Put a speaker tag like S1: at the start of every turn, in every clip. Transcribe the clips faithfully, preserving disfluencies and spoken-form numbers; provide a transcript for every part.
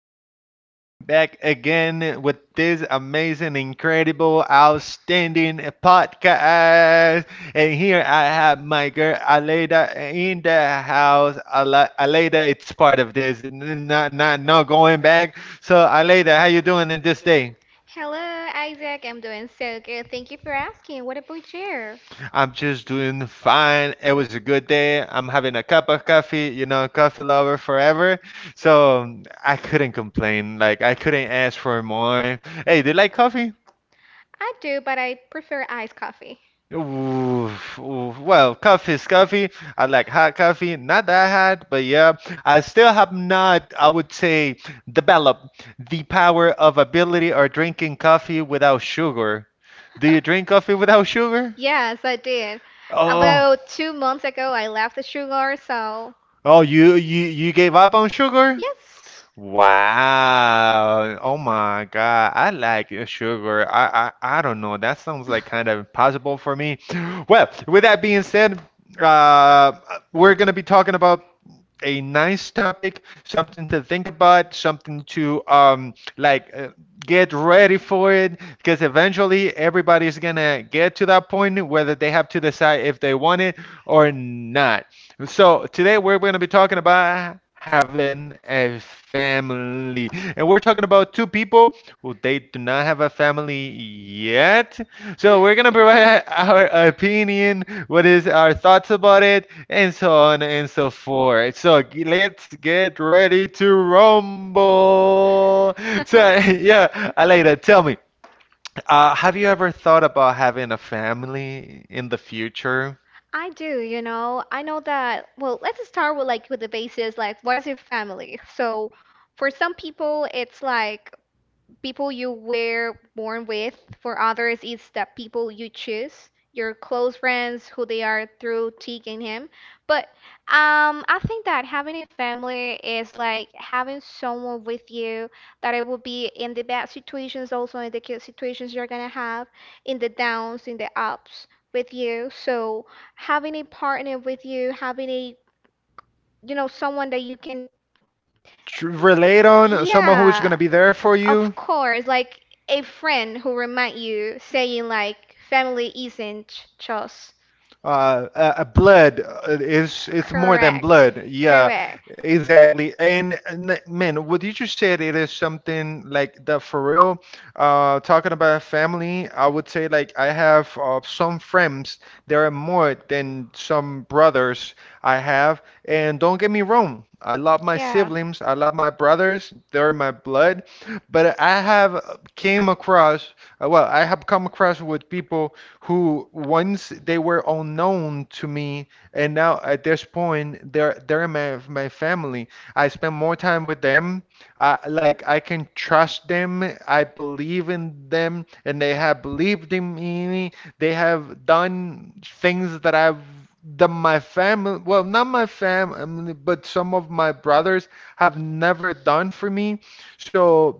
S1: Isaac coming back again with this amazing, incredible, outstanding podcast. And here I have my girl Aleda in the house. Ala- Aleda, it's part of this. N- Not, not, no going back. So, Aleda, how you doing in this day?
S2: Hello, Isaac. I'm doing so good. Thank you for asking. What about you?
S1: I'm just doing fine. It was a good day. I'm having a cup of coffee, you know, coffee lover forever. So um, I couldn't complain. Like, I couldn't ask for more. Hey, do you like coffee?
S2: I do, but I prefer iced coffee.
S1: Oof, oof. Well, coffee is coffee. I like hot coffee, not that hot, but yeah, I still have not, I would say, developed the power of ability or drinking coffee without sugar. Do you drink coffee without sugar?
S2: Yes, I did.
S1: Oh.
S2: About two months ago, I left the sugar, so
S1: Oh, you you you gave up on sugar?
S2: yes,
S1: Wow. Oh my God. I like uh, sugar. I I, I don't know. That sounds like kind of impossible for me. Well, with that being said, uh, we're gonna be talking about a nice topic, something to think about, something to um, like uh, get ready for it, because eventually everybody's gonna get to that point whether they have to decide if they want it or not. So today we're gonna be talking about having a family, and we're talking about two people who they do not have a family yet. So we're gonna provide our opinion, what is our thoughts about it, and so on and so forth. So g- let's get ready to rumble. So yeah, Aleida, tell me, uh, have you ever thought about having a family in the future?
S2: I do. You know, I know that. Well, let's start with, like, with the basis, like, what is your family? So, for some people, it's like people you were born with. For others, it's the people you choose, your close friends, who they are through taking him. But um, I think that having a family is like having someone with you that it will be in the bad situations, also in the good situations you're gonna have, in the downs, in the ups with you. So having a partner with you, having a you know someone that you can,
S1: Tr- Relate on someone who is going
S2: yeah,
S1: to be there for
S2: of
S1: you
S2: course. Like a friend who remind you saying, like, family isn't just
S1: uh, uh, uh, blood uh, is it's more than
S2: correct.
S1: blood. Yeah,
S2: Correct.
S1: exactly. And, and man, what you just said, it is something like that for real. Uh, talking about family, I would say like I have uh, some friends. There are more than some brothers I have. And don't get me wrong, I love my
S2: Yeah.
S1: siblings. I love my brothers. They're my blood. But I have uh, came across, uh, well, I have come across with people who once they were unknown to me, and now at this point they're they're my my family. I spend more time with them. I like I can trust them. I believe in them, and they have believed in me. They have done things that I've that my family, well, not my family, but some of my brothers have never done for me. So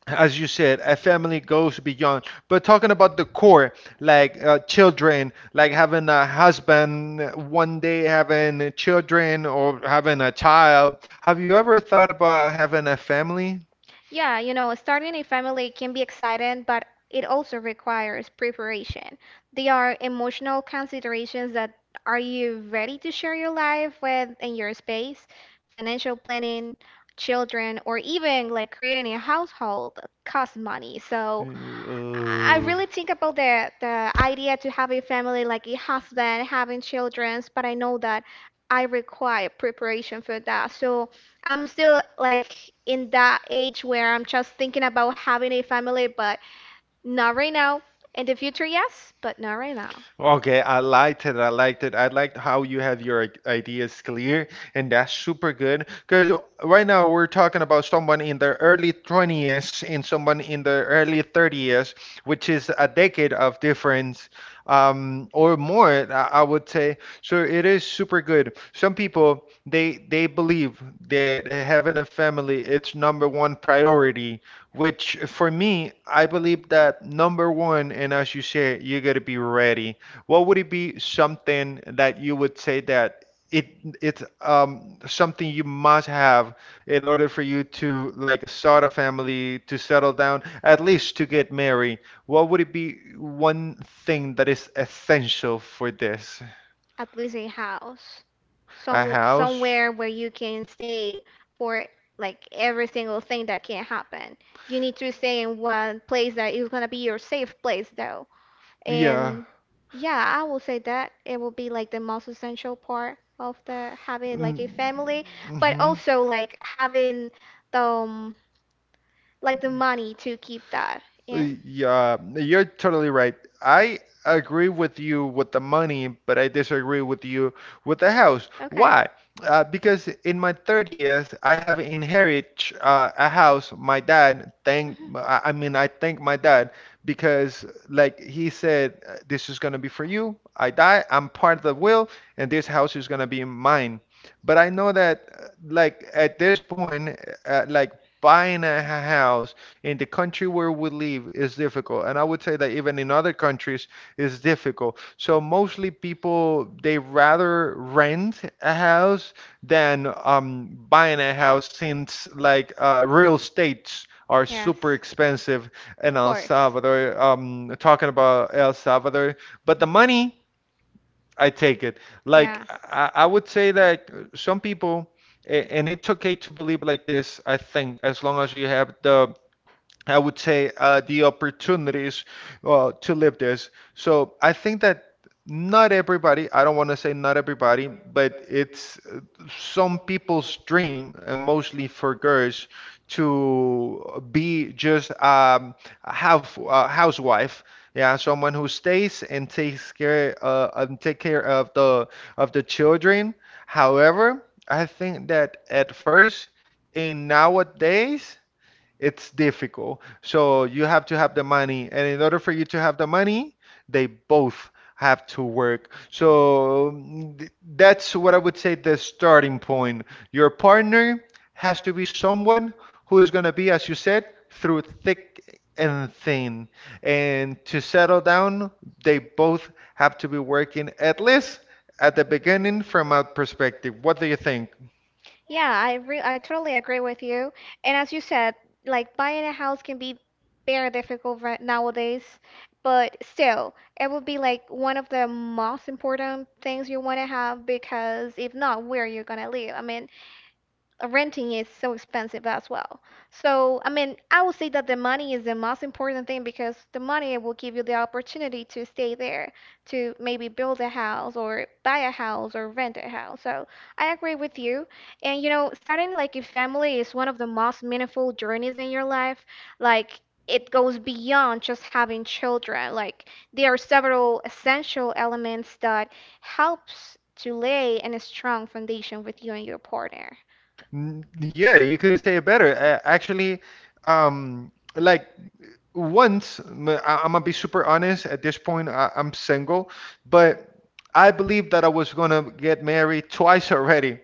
S1: as you said, a family goes beyond. But talking about the core, like uh, children, like having a husband, one day having children or having a child. Have you ever thought about having a family?
S2: Yeah, you know, starting a family can be exciting, but it also requires preparation. There are emotional considerations. That are you ready to share your life with and your space, financial planning, children? Or even, like, creating a household costs money. So I
S1: Uh,
S2: really think about the the idea to have a family, like a husband, having children, but I know that I require preparation for that. So I'm still, like, in that age where I'm just thinking about having a family, but not right now. In the future, yes, but not right now.
S1: Okay, I liked it. I liked it. I liked how you have your i- ideas clear, and that's super good. Because right now we're talking about someone in their early twenties and someone in their early thirties, which is a decade of difference, um, or more, I, I would say. So it is super good. Some people they they believe that uh, having a family it's number one priority, which for me, I believe that number one, and as you say, you gotta be ready what would it be something that you would say that it it's um, something you must have in order for you to like start a family, to settle down, at least to get married? What would it be one thing that is essential for this?
S2: At least a house.
S1: A
S2: Some
S1: house?
S2: somewhere where you can stay for, like, every single thing that can happen. You need to stay in one place that is gonna be your safe place though.
S1: Yeah.
S2: And yeah, I will say that it will be like the most essential part of the having like a family, but
S1: Mm-hmm.
S2: also like having the um, like the money to keep that in.
S1: Yeah, you're totally right. I agree with you with the money, but I disagree with you with the house.
S2: Okay.
S1: Why? Uh, because in my thirties, I have inherited uh, a house. My dad, thank, I I mean, I thank my dad because, like he said, uh, this is gonna be for you. I die, I'm part of the will, and this house is gonna be mine. But I know that, uh, like at this point, uh, like buying a house in the country where we live is difficult and I would say that even in other countries is difficult so mostly people they rather rent a house than um, buying a house since like uh, real estates
S2: Mhm.
S1: are
S2: Yes,
S1: super expensive in
S2: of
S1: El
S2: course.
S1: Salvador, um, talking about El Salvador but the money I take it like
S2: Yeah.
S1: i, I would say that some people a- and it's okay to believe like this I think as long as you have the I would say uh, the opportunities uh, to live this. So I think that not everybody, I don't want to say not everybody, but it's uh, some people's dream, and mostly for girls, to be just um, a house, a housewife. Yeah, someone who stays and takes care uh, and take care of the of the children. However, I think that at first in nowadays it's difficult. So you have to have the money, and in order for you to have the money, they both have to work. So mm, th- that's what I would say the starting point. Your partner has to be someone who is going to be, as you said, through thick and thin. And to settle down, they both have to be working at least at the beginning from a perspective. What do you think?
S2: Yeah, I re I totally agree with you. And as you said, like, buying a house can be very difficult right nowadays, but still, it would be like one of the most important things you want to have, because if not, where you're gonna live? I mean, uh, renting is so expensive as well. So, I mean, I would say that the money is the most important thing, because the money will give you the opportunity to stay there, to maybe build a house or buy a house or rent a house. So, I agree with you. And you know, starting like a family is one of the most meaningful journeys in your life. Like, it goes beyond just having children. Like, there are several essential elements that helps to lay a strong foundation with you and your partner.
S1: N- Yeah, you couldn't say it better. A- Actually, um, like once, m- I- am gonna be super honest. At this point, I- I'm single, but I believe that I was gonna get married twice already.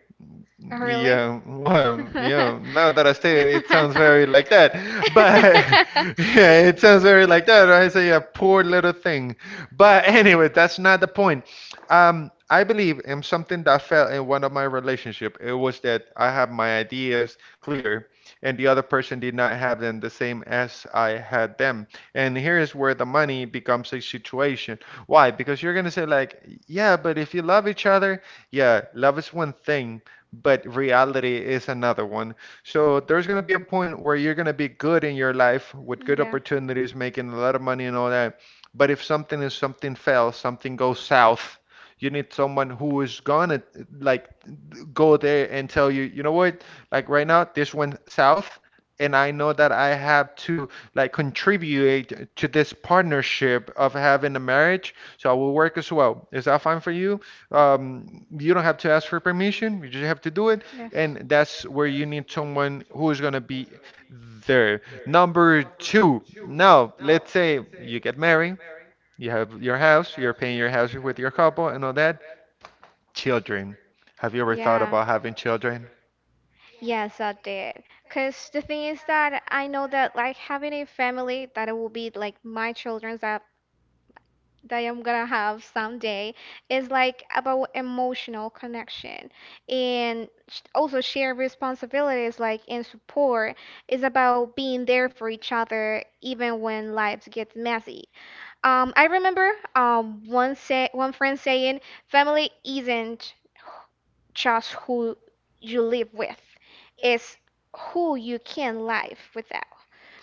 S2: Oh, really?
S1: Yeah, well, yeah. Now that I say it, it sounds very like that. But yeah, it sounds very like that, right? So yeah, poor little thing. But anyway, that's not the point. Um, I believe in something that fell in one of my relationship. It was that I have my ideas clear, and the other person did not have them the same as I had them. And here is where the money becomes a situation. Why? Because you're gonna say like, yeah, but if you love each other, yeah, love is one thing but reality is another one. So there's going to be a point where you're going to be good in your life with good opportunities, making a lot of money and all that. But if something is something fails, something goes south, you need someone who is gonna like go there and tell you, you know what? Like right now, this went south, and I know that I have to like contribute to this partnership of having a marriage. So I will work as well. Is that fine for you? Um, you don't have to ask for permission. You just have to
S2: Yeah.
S1: do
S2: Yes.
S1: it, and that's where you need someone who is gonna be there. Number two. Now, let's say you get married, you have your house, you're paying your house with your couple and all that. Children. Have you ever thought
S2: Yeah.
S1: about having children?
S2: Yes, I did. Because the thing is that I know that, like, having a family, that it will be like my children's that that I'm gonna have someday, is like about emotional connection and sh- also shared responsibilities, like, and support. Is about being there for each other even when lives gets messy. Um, I remember um one say one friend saying, "Family isn't just who you live with, it's who you can live without."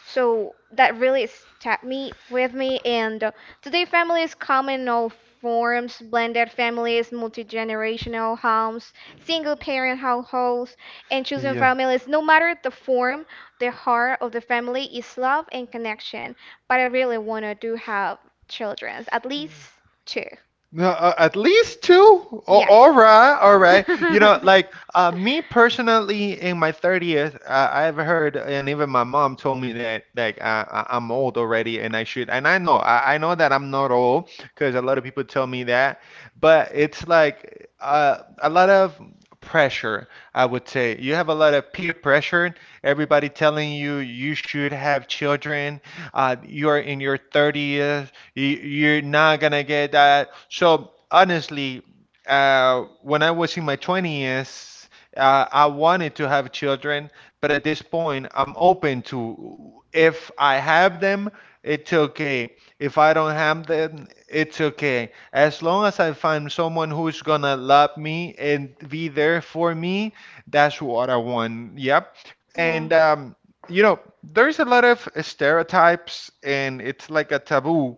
S2: So that really stuck me with me. And uh, today, families come in all forms: blended families, multi-generational homes, single-parent households, and choosing
S1: Yeah.
S2: families. No matter the form, the heart of the family is love and connection. But I really wanna do have children, at least two.
S1: No, uh, at least two.
S2: Yes.
S1: O- all right, all right. You know, like uh, me personally, in my thirties, uh, I've heard, and even my mom told me that like I, I- I'm old already, and I should. And I know, I, I know that I'm not old because a lot of people tell me that. But it's like uh, a lot of pressure, I would say. You have a lot of peer pressure. Everybody telling you you should have children. Uh, you're in your thirties y- you're not gonna get that. So honestly, uh, when I was in my twenties, uh, I wanted to have children, but at this point, I'm open to if I have them, it's okay. If I don't have them, it's okay. As long as I find someone who's gonna love me and be there for me, that's what I want. Yep.
S2: Yeah.
S1: And um, you know, there's a lot of stereotypes and it's like a taboo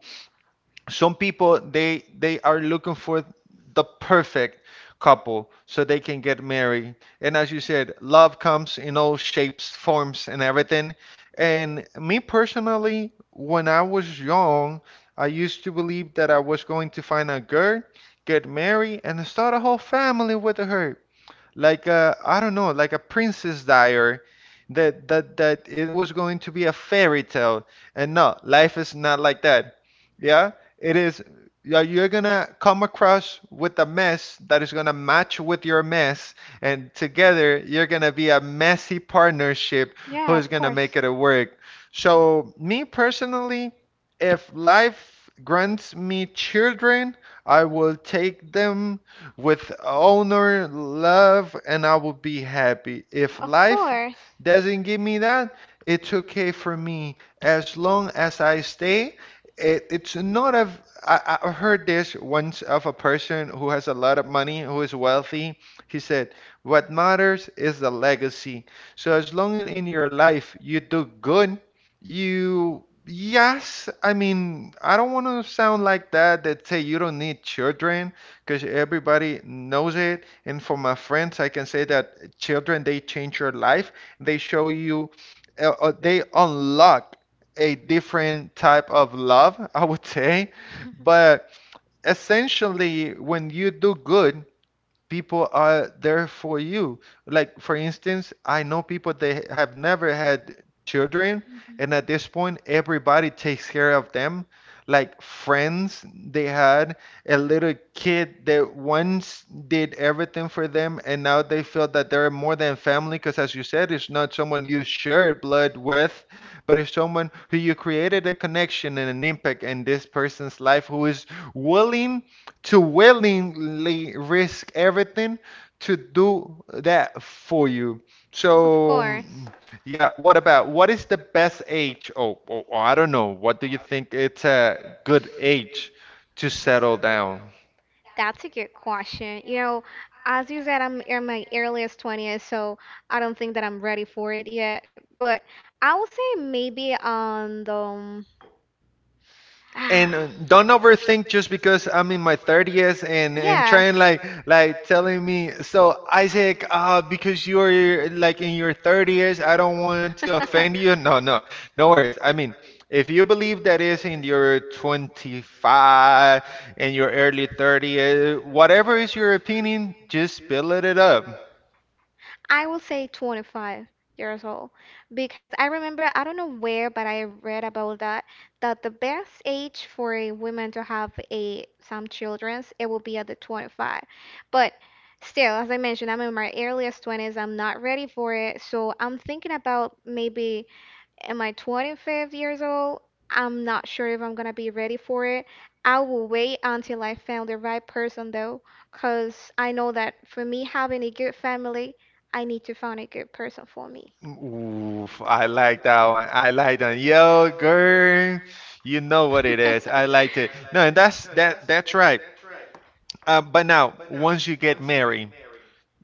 S1: some people they they are looking for the perfect couple so they can get married and as you said love comes in all shapes forms and everything and me personally when I was young I used to believe that I was going to find a girl get married and start a whole family with her like a I don't know, like a Princess Diary, that that that it was going to be a fairy tale, and no, life is not like that. Yeah, it is. Yeah, you're gonna come across with a mess that is gonna match with your mess, and together you're gonna be a messy partnership
S2: Yeah,
S1: who's
S2: of
S1: gonna
S2: course.
S1: make it work. So, me personally, if life grants me children, I will take them with honor, love, and I will be happy. If life doesn't give me that, it's okay for me as long as I stay. It, it's not a. I, I heard this once of a person who has a lot of money, who is wealthy. He said, "What matters is the legacy." So as long in, in your life you do good, you yes, I mean, I don't want to sound like that that say you don't need children because everybody knows it. And for my friends, I can say that children they change your life. They show you, uh, uh, they unlock a different type of love, I would say. But essentially, when you do good, people are there for you. Like, for instance, I know people that have never had children, and
S2: Mhm.
S1: at this point, everybody takes care of them. Like, friends they had, a little kid that once did everything for them, and now they feel that they're more than family, because as you said, it's not someone you share blood with, but it's someone who you created a connection and an impact in this person's life who is willing to willingly risk everything to do that for you. So, mm, yeah, what about what is the best age? Oh, oh, oh, I don't know. What do you think it's a good age to settle down?
S2: That's a good question. You know, as you said, I'm in my earliest twenties, so I don't think that I'm ready for it yet. But I would say maybe on the. Um,
S1: And uh, don't overthink just because I'm in my thirties and and trying like like telling me, so Isaac, uh because you're like in your thirties, I don't want to offend you. No, no, no worries. I mean, if you believe that is in your twenty-five and your early thirties, whatever is your opinion, just build it up.
S2: I will say twenty-five years old, because I remember, I don't know where, but I read about that, that the best age for a woman to have a some children, it will be at the twenty-five. But still, as I mentioned, I'm in my earliest twenties. I'm not ready for it. So I'm thinking about, maybe am I twenty-five years old? I'm not sure if I'm gonna be ready for it. I will wait until I found the right person though, 'cause I know that for me, having a good family, I need to find a good person for me.
S1: Oof, I like that one. I like that. Yo, girl, you know what it is. I liked it. No, and that's that. That's right. Uh, but now, once you get married,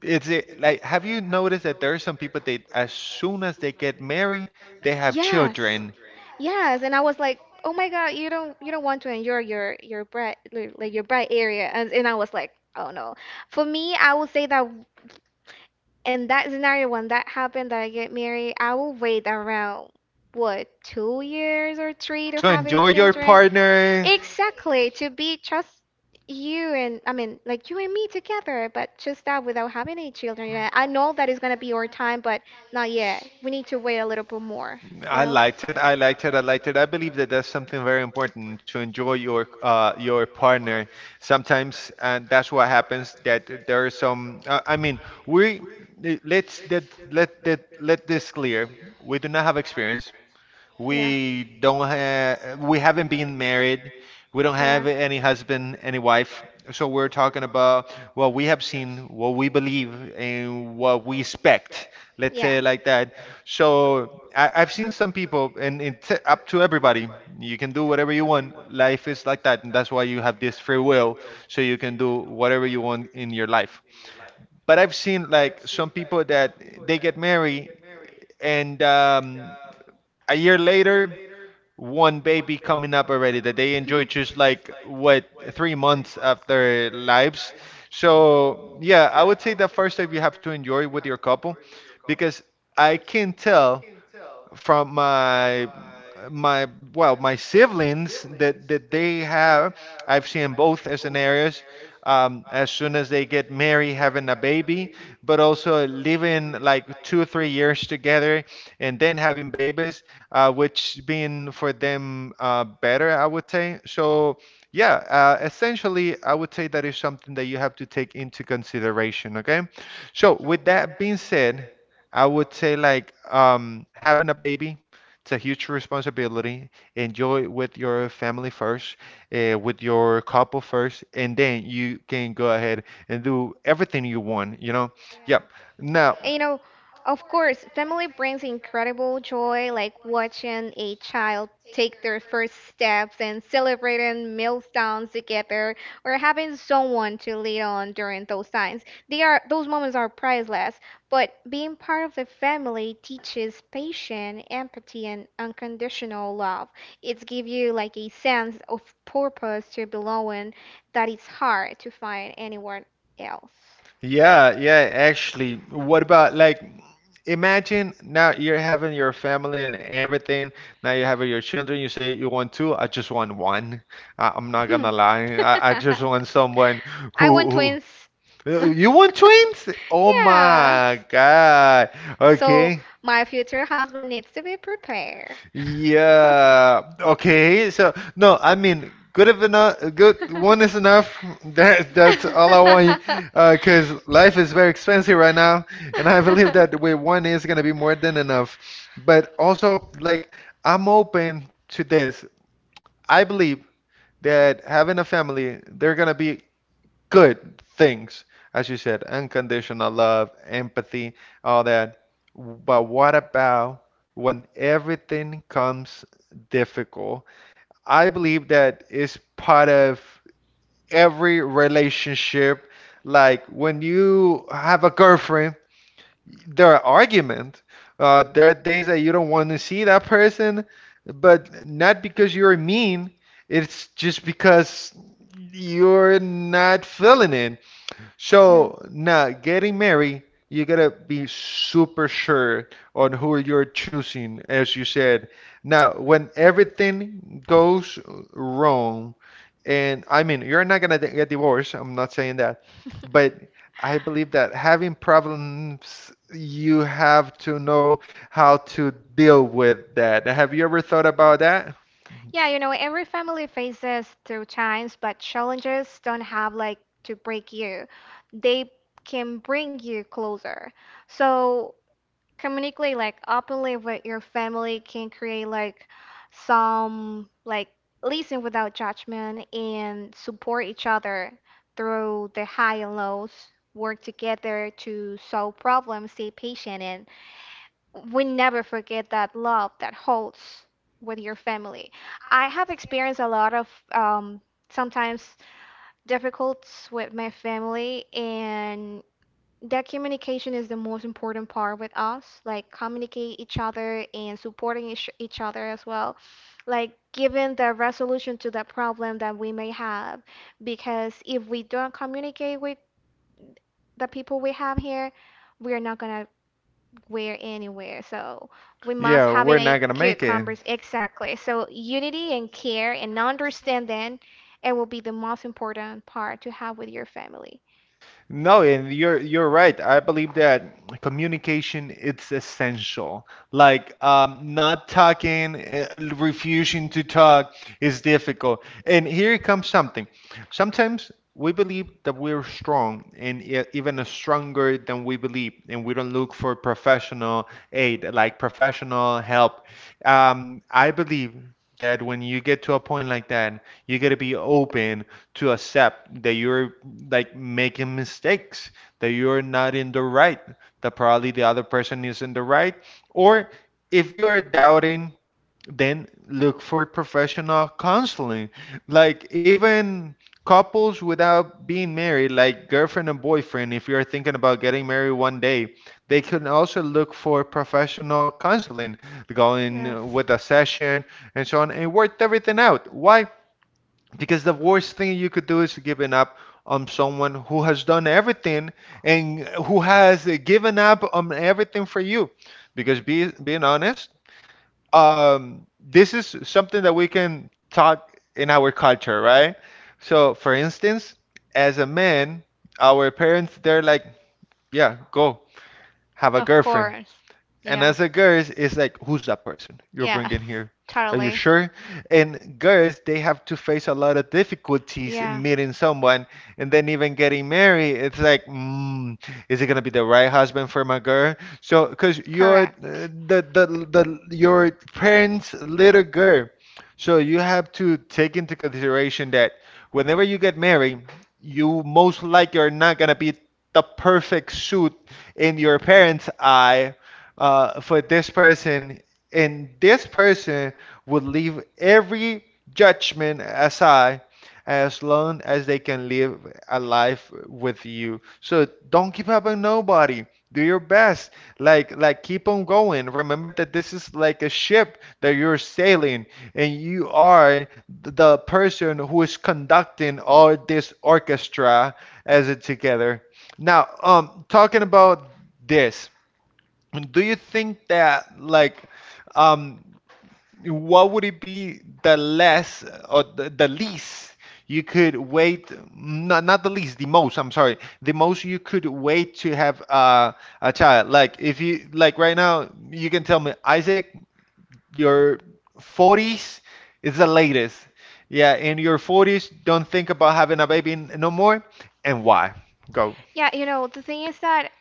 S1: it's it, like have you noticed that there are some people that as soon as they get married, they have
S2: Yes.
S1: children
S2: Yes, and I was like, "Oh my God, you don't you don't want to enjoy your your bright, like like your bright area." And and I was like, "Oh no." For me, I would say that in that scenario, when that happened that I get married, I will wait around what, two years or three, to
S1: to
S2: have a
S1: enjoy your
S2: children.
S1: partner.
S2: Exactly, to be just you and, I mean, like, you and me together, but just that without having any children yet. I know that is gonna be our time, but not yet. We need to wait a little bit more, you
S1: I
S2: know?
S1: liked it. I liked it. I liked it. I believe that that's something very important to enjoy your uh your partner. Sometimes, and that's what happens that there are some. Uh, I mean, we let's that let that let this clear. We do not have experience.
S2: Yeah.
S1: We don't have we haven't been married. We don't have any husband, any wife. So we're talking about what we have seen, what we believe, and what we expect. Let's
S2: Yeah.
S1: say it
S2: Yeah.
S1: like that. So I, I've seen some people, and it's up to everybody. You can do whatever you want. Life is like that, and that's why you have this free will, so you can do whatever you want in your life. But I've seen like some people that they get married, and um, a year later one baby coming up already that they enjoy just like what three months after lives. So yeah, I would say the first step you have to enjoy with your couple because I can tell from my my well my siblings that that they have I've seen both scenarios, um, as soon as they get married having a baby but also living like two or three years together and then having babies, uh, which being for them, uh, better I would say. So yeah, uh, essentially I would say that is something that you have to take into consideration. Okay, so with that being said, I would say like, um, having a baby, it's a huge responsibility. Enjoy it with your family first, uh, with your couple first, and then you can go ahead and do everything you want, you know?
S2: Yeah.
S1: Yep. Now,
S2: And you know, of course, family brings incredible joy, like watching a child take their first steps and celebrating milestones together, or having someone to lean on during those times. They are Those moments are priceless. But being part of the family teaches patience, empathy, and unconditional love. It gives you like a sense of purpose to belonging that is hard to find anywhere else.
S1: yeah, yeah, actually. What about like imagine now you're having your family and everything. Now you have your children. You say you want two. I just want one. I, I'm not
S2: I'm not
S1: gonna lie. I, I
S2: gonna lie,
S1: just want someone
S2: I want
S1: who,
S2: twins.
S1: who uh, you
S2: You
S1: want
S2: want twins?
S1: twins?
S2: Oh
S1: Oh
S2: yeah.
S1: my God.
S2: My so God. Okay.
S1: Okay.
S2: My future husband needs to be prepared.
S1: Yeah. Okay. So no, I mean, good of enough. Good one is enough.
S2: That-
S1: That that's
S2: that-
S1: all I want.
S2: oh, I
S1: Uh, cause life is very expensive right now, and I
S2: read
S1: believe
S2: that
S1: that with
S2: well.
S1: one is gonna be more than enough. But also, like, I'm open to this. I believe that having a family, they're gonna be good things, as you said, unconditional love, empathy, all that. But what about when everything comes difficult? I believe that is part of every relationship. Like when you have a girlfriend, there are arguments. Uh, there are days that you don't want to see that person, but not because you're mean. It's just because you're not feeling it.
S2: Yeah. So
S1: So
S2: now
S1: now getting
S2: getting married.
S1: married, you gotta be super sure on who you're choosing, as you said. Now, when everything goes wrong, and I mean, you're not gonna get divorced, I'm not saying that, but I believe that having problems, you have to know how to deal with that. Have you ever thought about that?
S2: Yeah, you know, every family faces through times, but challenges don't have like to break you. They can bring you closer. So communicate, like, openly with your family can create, like, some like listen without judgment and support each other through the high and lows, work together to solve problems, stay patient, and we never forget that love that holds with your family. I have experienced a lot of, um, sometimes difficulties with my family, and that communication is the most important part with us, like communicate each other and supporting each, each other as well, like giving the resolution to the problem that we may have, because if we don't communicate with the people we have here, we're not gonna we're anywhere, so we must
S1: Yeah, we're
S2: having a
S1: not gonna make
S2: good
S1: it.
S2: converse. Exactly. So unity and care and understanding, it will be the most important part to have with your family.
S1: No, and you're you're right. I believe that communication it's essential. Like um, not talking, uh, refusing to talk is difficult. And here comes something. Sometimes we believe that we're strong and e- even stronger than we believe, and we don't look for professional aid, like professional help. Um, I believe that when you get to a point like that, you got to be open to accept that you're like making mistakes, that you're not in the right, that probably the other person is in the right. Or if you're doubting, then look for professional counseling. Like even couples without being married, like girlfriend and boyfriend, if you're thinking about getting married one day, they can also look for professional counseling,
S2: Yes,
S1: going with a session and so on, and work everything out. Why? Because the worst thing you could do is giving up on someone who has done everything and who has given up on everything for you. Because be, being honest, um, this is something that we can talk in our culture, right? So, for instance, as a man, our parents, they're like, yeah, go have a girlfriend.
S2: course.
S1: And as a girl, it's like, who's that person you're bringing here? Are you sure? And girls, they have to face a lot of difficulties in meeting someone and then even getting married. It's like, mm, is it gonna be the right husband for my
S2: So
S1: girl? So, because you're uh, the, the the your parents' little girl, so you have to take into consideration that whenever you get married, you most likely are not gonna be the perfect suit in your parents' eye, uh, for this person, and this person would leave every judgment aside as long as they can live a life with you. So don't give up on nobody. Do your best. Like like keep on going. Remember that this is like a ship that you're sailing and you are the person who is conducting all this orchestra as it together. Now, um talking about this. And do you think that like um what would it be the less or the, the least you could wait, not not the least the most, I'm sorry, the most you could wait to have, uh, a child? Like if you like right now you can tell me, Isaac, your forties is the latest. Yeah, in your forties don't think about having a baby n- no more. And why? Go.
S2: yeah, you know, the thing is that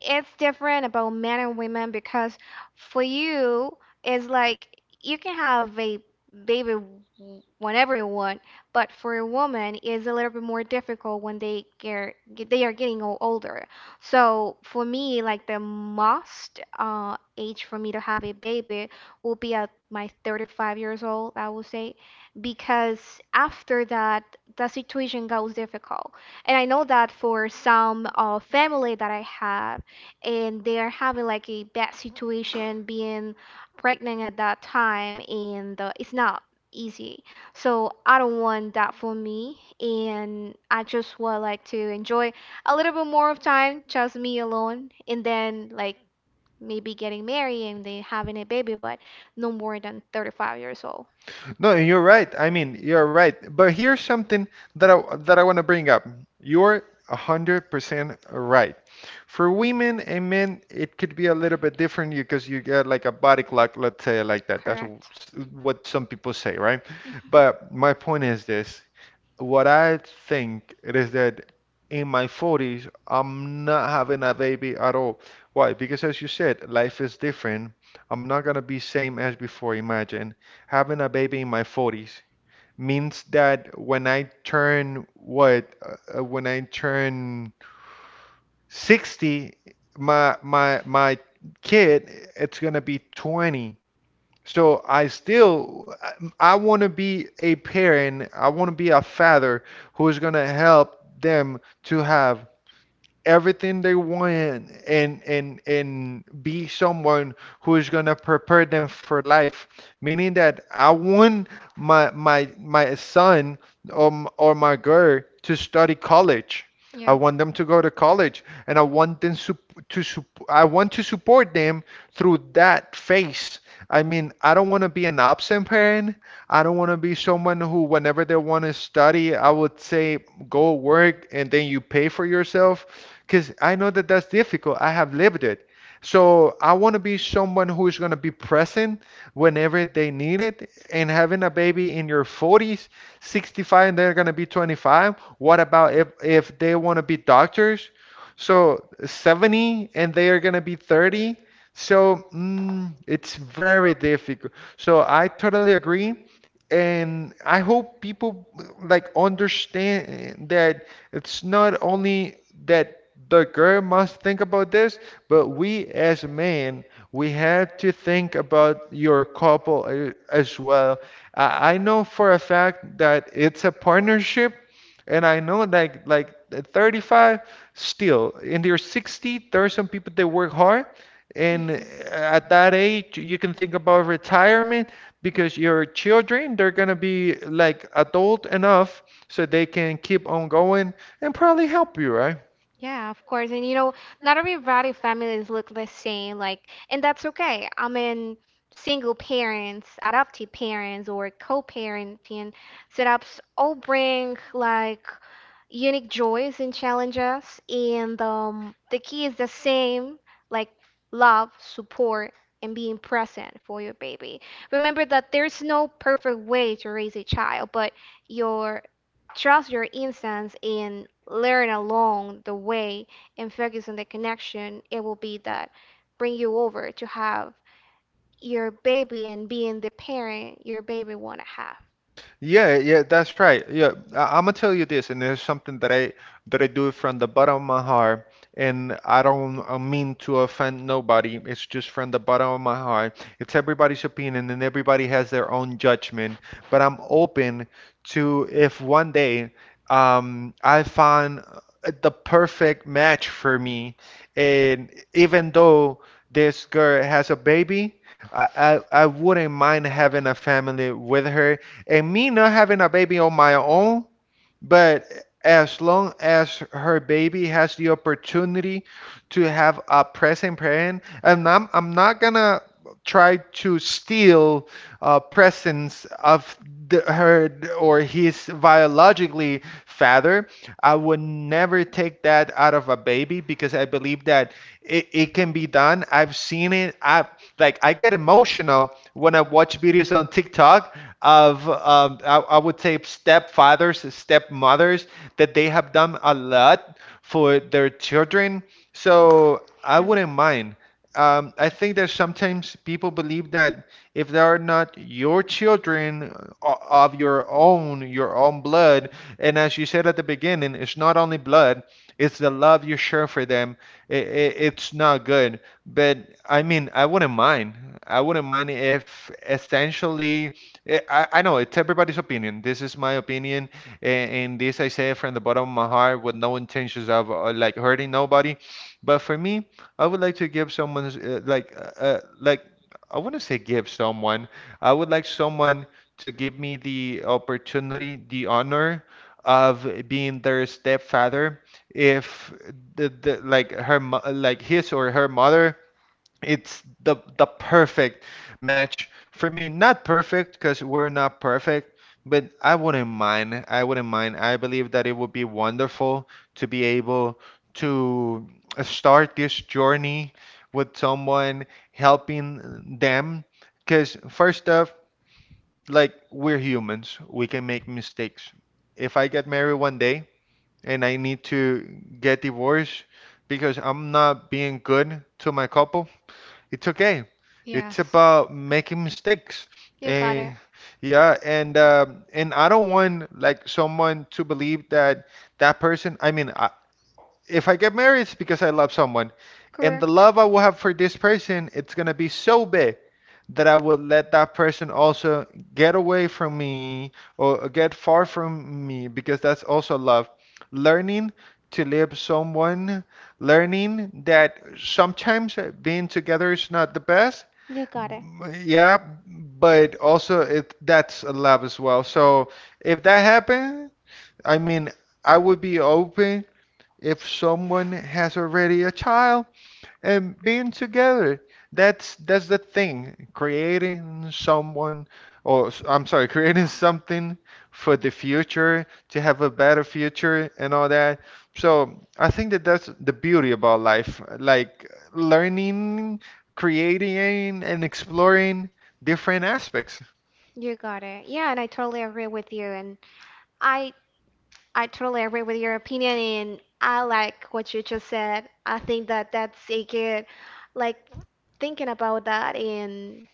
S2: it's different about men and women, because for you it's like you can have a baby w- whenever you want, but for a woman it's a little bit more difficult when they get they are getting o- older. So for me, like, the most uh, age for me to have a baby will be at my thirty-five years old, I would say, because after that the situation goes difficult, and I know that for some uh, family that I have, and they are having like a bad situation being pregnant at that time, and uh, it's not easy. So I don't want that for me, and I just would like to enjoy a little bit more of time just me alone, and then like maybe getting married and then having a baby, but no more than thirty-five years old.
S1: No, you're right. I mean, you're right. But here's something that I that I want to bring up. You're one hundred percent right. For women and men, it could be a little bit different because you get like a body clock, let's say like that. That's what
S2: Correct.
S1: what some people say, right?
S2: Mhm.
S1: But my point is this. What I think it is that in my forties, I'm not having a baby at all. Why? Because as you said, life is different. I'm not gonna be same as before. Imagine having a baby in my forties means that when I turn what, uh, uh, when I turn sixty, my my my kid, it's gonna be twenty. So I still I want to be a parent, I want to be a father who is going to help them to have everything they want and and and be someone who's gonna prepare them for life. Meaning that I want my my my son or m- or my girl to study college. I
S2: Yeah.
S1: want them to go to college, and I want them sup- to sup- I want to support them through that phase. I mean, I don't want to be an absent parent. I don't want to be someone who, whenever they want to study, I would say go work and then you pay for yourself. Because I know that that's difficult. I have lived it. So I want to be someone who is going to be present whenever they need it. And having a baby in your forties, sixty-five, and they're going to be twenty-five. What about if, if they want to be doctors? So seventy and they are going to be thirty. So mm, it's very difficult. So I totally agree, and I hope people like understand that it's not only that the girl must think about this, but we as men, we have to think about your couple uh, as well. I, I know for a fact that it's a partnership, and I know like like at thirty-five, still in their sixty, there are some people that work hard. And uh,
S2: Mhm.
S1: at that age, you can think about retirement, because your children, they're gonna be like adult enough, so they can keep on going and probably help you, right?
S2: Yeah, of course. And you know, not everybody families look the same, like, and that's okay. I mean, single parents, adopted parents, or co-parenting setups all bring like unique joys and challenges, and um, the key is the same, like love, support, and being present for your baby. Remember that there's no perfect way to raise a child, but your trust your instincts and learn along the way, and focus on the connection, it will be that bring you over to have your baby and being the parent your baby want to have.
S1: Yeah, yeah, that's right. Yeah, I, I'm gonna tell you this, and there's something that I that I do from the bottom of my heart, and I don't uh, mean to offend nobody. It's just from the bottom of my heart. It's everybody's opinion, and everybody has their own judgment. But I'm open to if one day um, I find uh, the perfect match for me, and even though this girl has a baby, I, I, I wouldn't mind having a family with her and me not having a baby on my own, but as long as her baby has the opportunity to have a present parent. And I'm I'm not gonna try to steal uh, presence of the, her or his biologically father. I would never take that out of a baby, because I believe that it, it can be done. I've seen it. I like I get emotional when I watch videos on TikTok of um, I, I would say stepfathers, stepmothers that they have done a lot for their children. So I
S2: Yeah.
S1: wouldn't mind. Um, I think that sometimes people believe that if they are not your children o- of your own, your own blood, and as you said at the beginning, it's not only blood, it's the love you share for them. I I it's not good. But I mean, I wouldn't mind. I wouldn't mind if essentially Eh, I, I know it's everybody's opinion. This is my opinion, and, and this I say from the bottom of my heart with no intentions of uh, like hurting nobody. But for me, I would like to give someone uh, like uh, uh, like I wouldn't say give someone. I would like someone to give me the opportunity, the honor of being their stepfather if the, the like her mo- like his or her mother, it's the the perfect match for me. Not perfect because we're not perfect, but I wouldn't mind. I wouldn't mind. I believe that it would be wonderful to be able to start this journey with someone, helping them. Because first off, like we're humans, we can make mistakes. If I get married one day and I need to get divorced because I'm not being good to my couple, it's okay.
S2: Yes.
S1: It's about making mistakes.
S2: You got
S1: Eh,
S2: it.
S1: yeah, and um, and I don't want like someone to believe that that person. I mean, if I get married, it's because I love someone. And the
S2: Correct.
S1: love I will have for this person, it's gonna be so big that I would let that person also get away from me or get far from me, because that's also love. Learning to live someone, learning that sometimes uh, being together is not the best.
S2: You got it.
S1: Yeah, but also it, that's a love as well. So if that happened, I mean, I would be open. If someone has already a child and being together, that's that's the thing, creating someone or i i'm sorry, creating something for the future, to have a better future and all that. So I think that that's the beauty about life, like learning, creating, and exploring different aspects.
S2: You got it. Yeah, and I totally agree with you. And I I totally agree with your opinion, and I like what you just said. I think that that's a good, like, thinking about that, and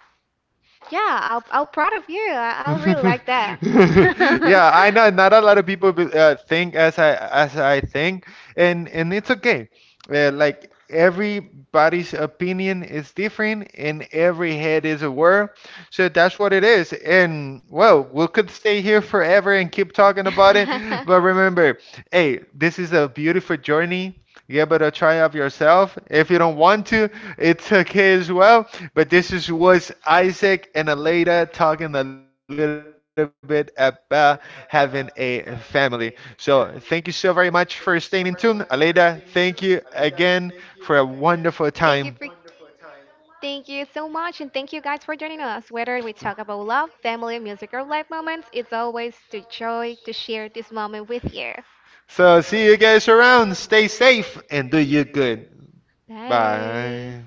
S2: yeah, I'll, i am proud of you. I, i really like that.
S1: Yeah, I know not a lot of people be- uh, think as I as I think, and and it's okay. Uh, like everybody's opinion is different, and every head is aware, so that's what it is. And well, we could stay here forever and keep talking about it, but remember, hey, this is a beautiful journey. You better try out yourself. If you don't want to, it's okay as well. But this is was Isaac and Aleda talking a little bit about having a family. So thank you so very much for staying in tune. Aleda, thank you again for a
S2: Thank you for.
S1: wonderful time.
S2: Thank you so much, and thank you guys for joining us. Whether we talk about love, family, music, or life moments, it's always the joy to share this moment with you.
S1: So see you guys around. Stay safe and do you good.
S2: Bye.
S1: Bye.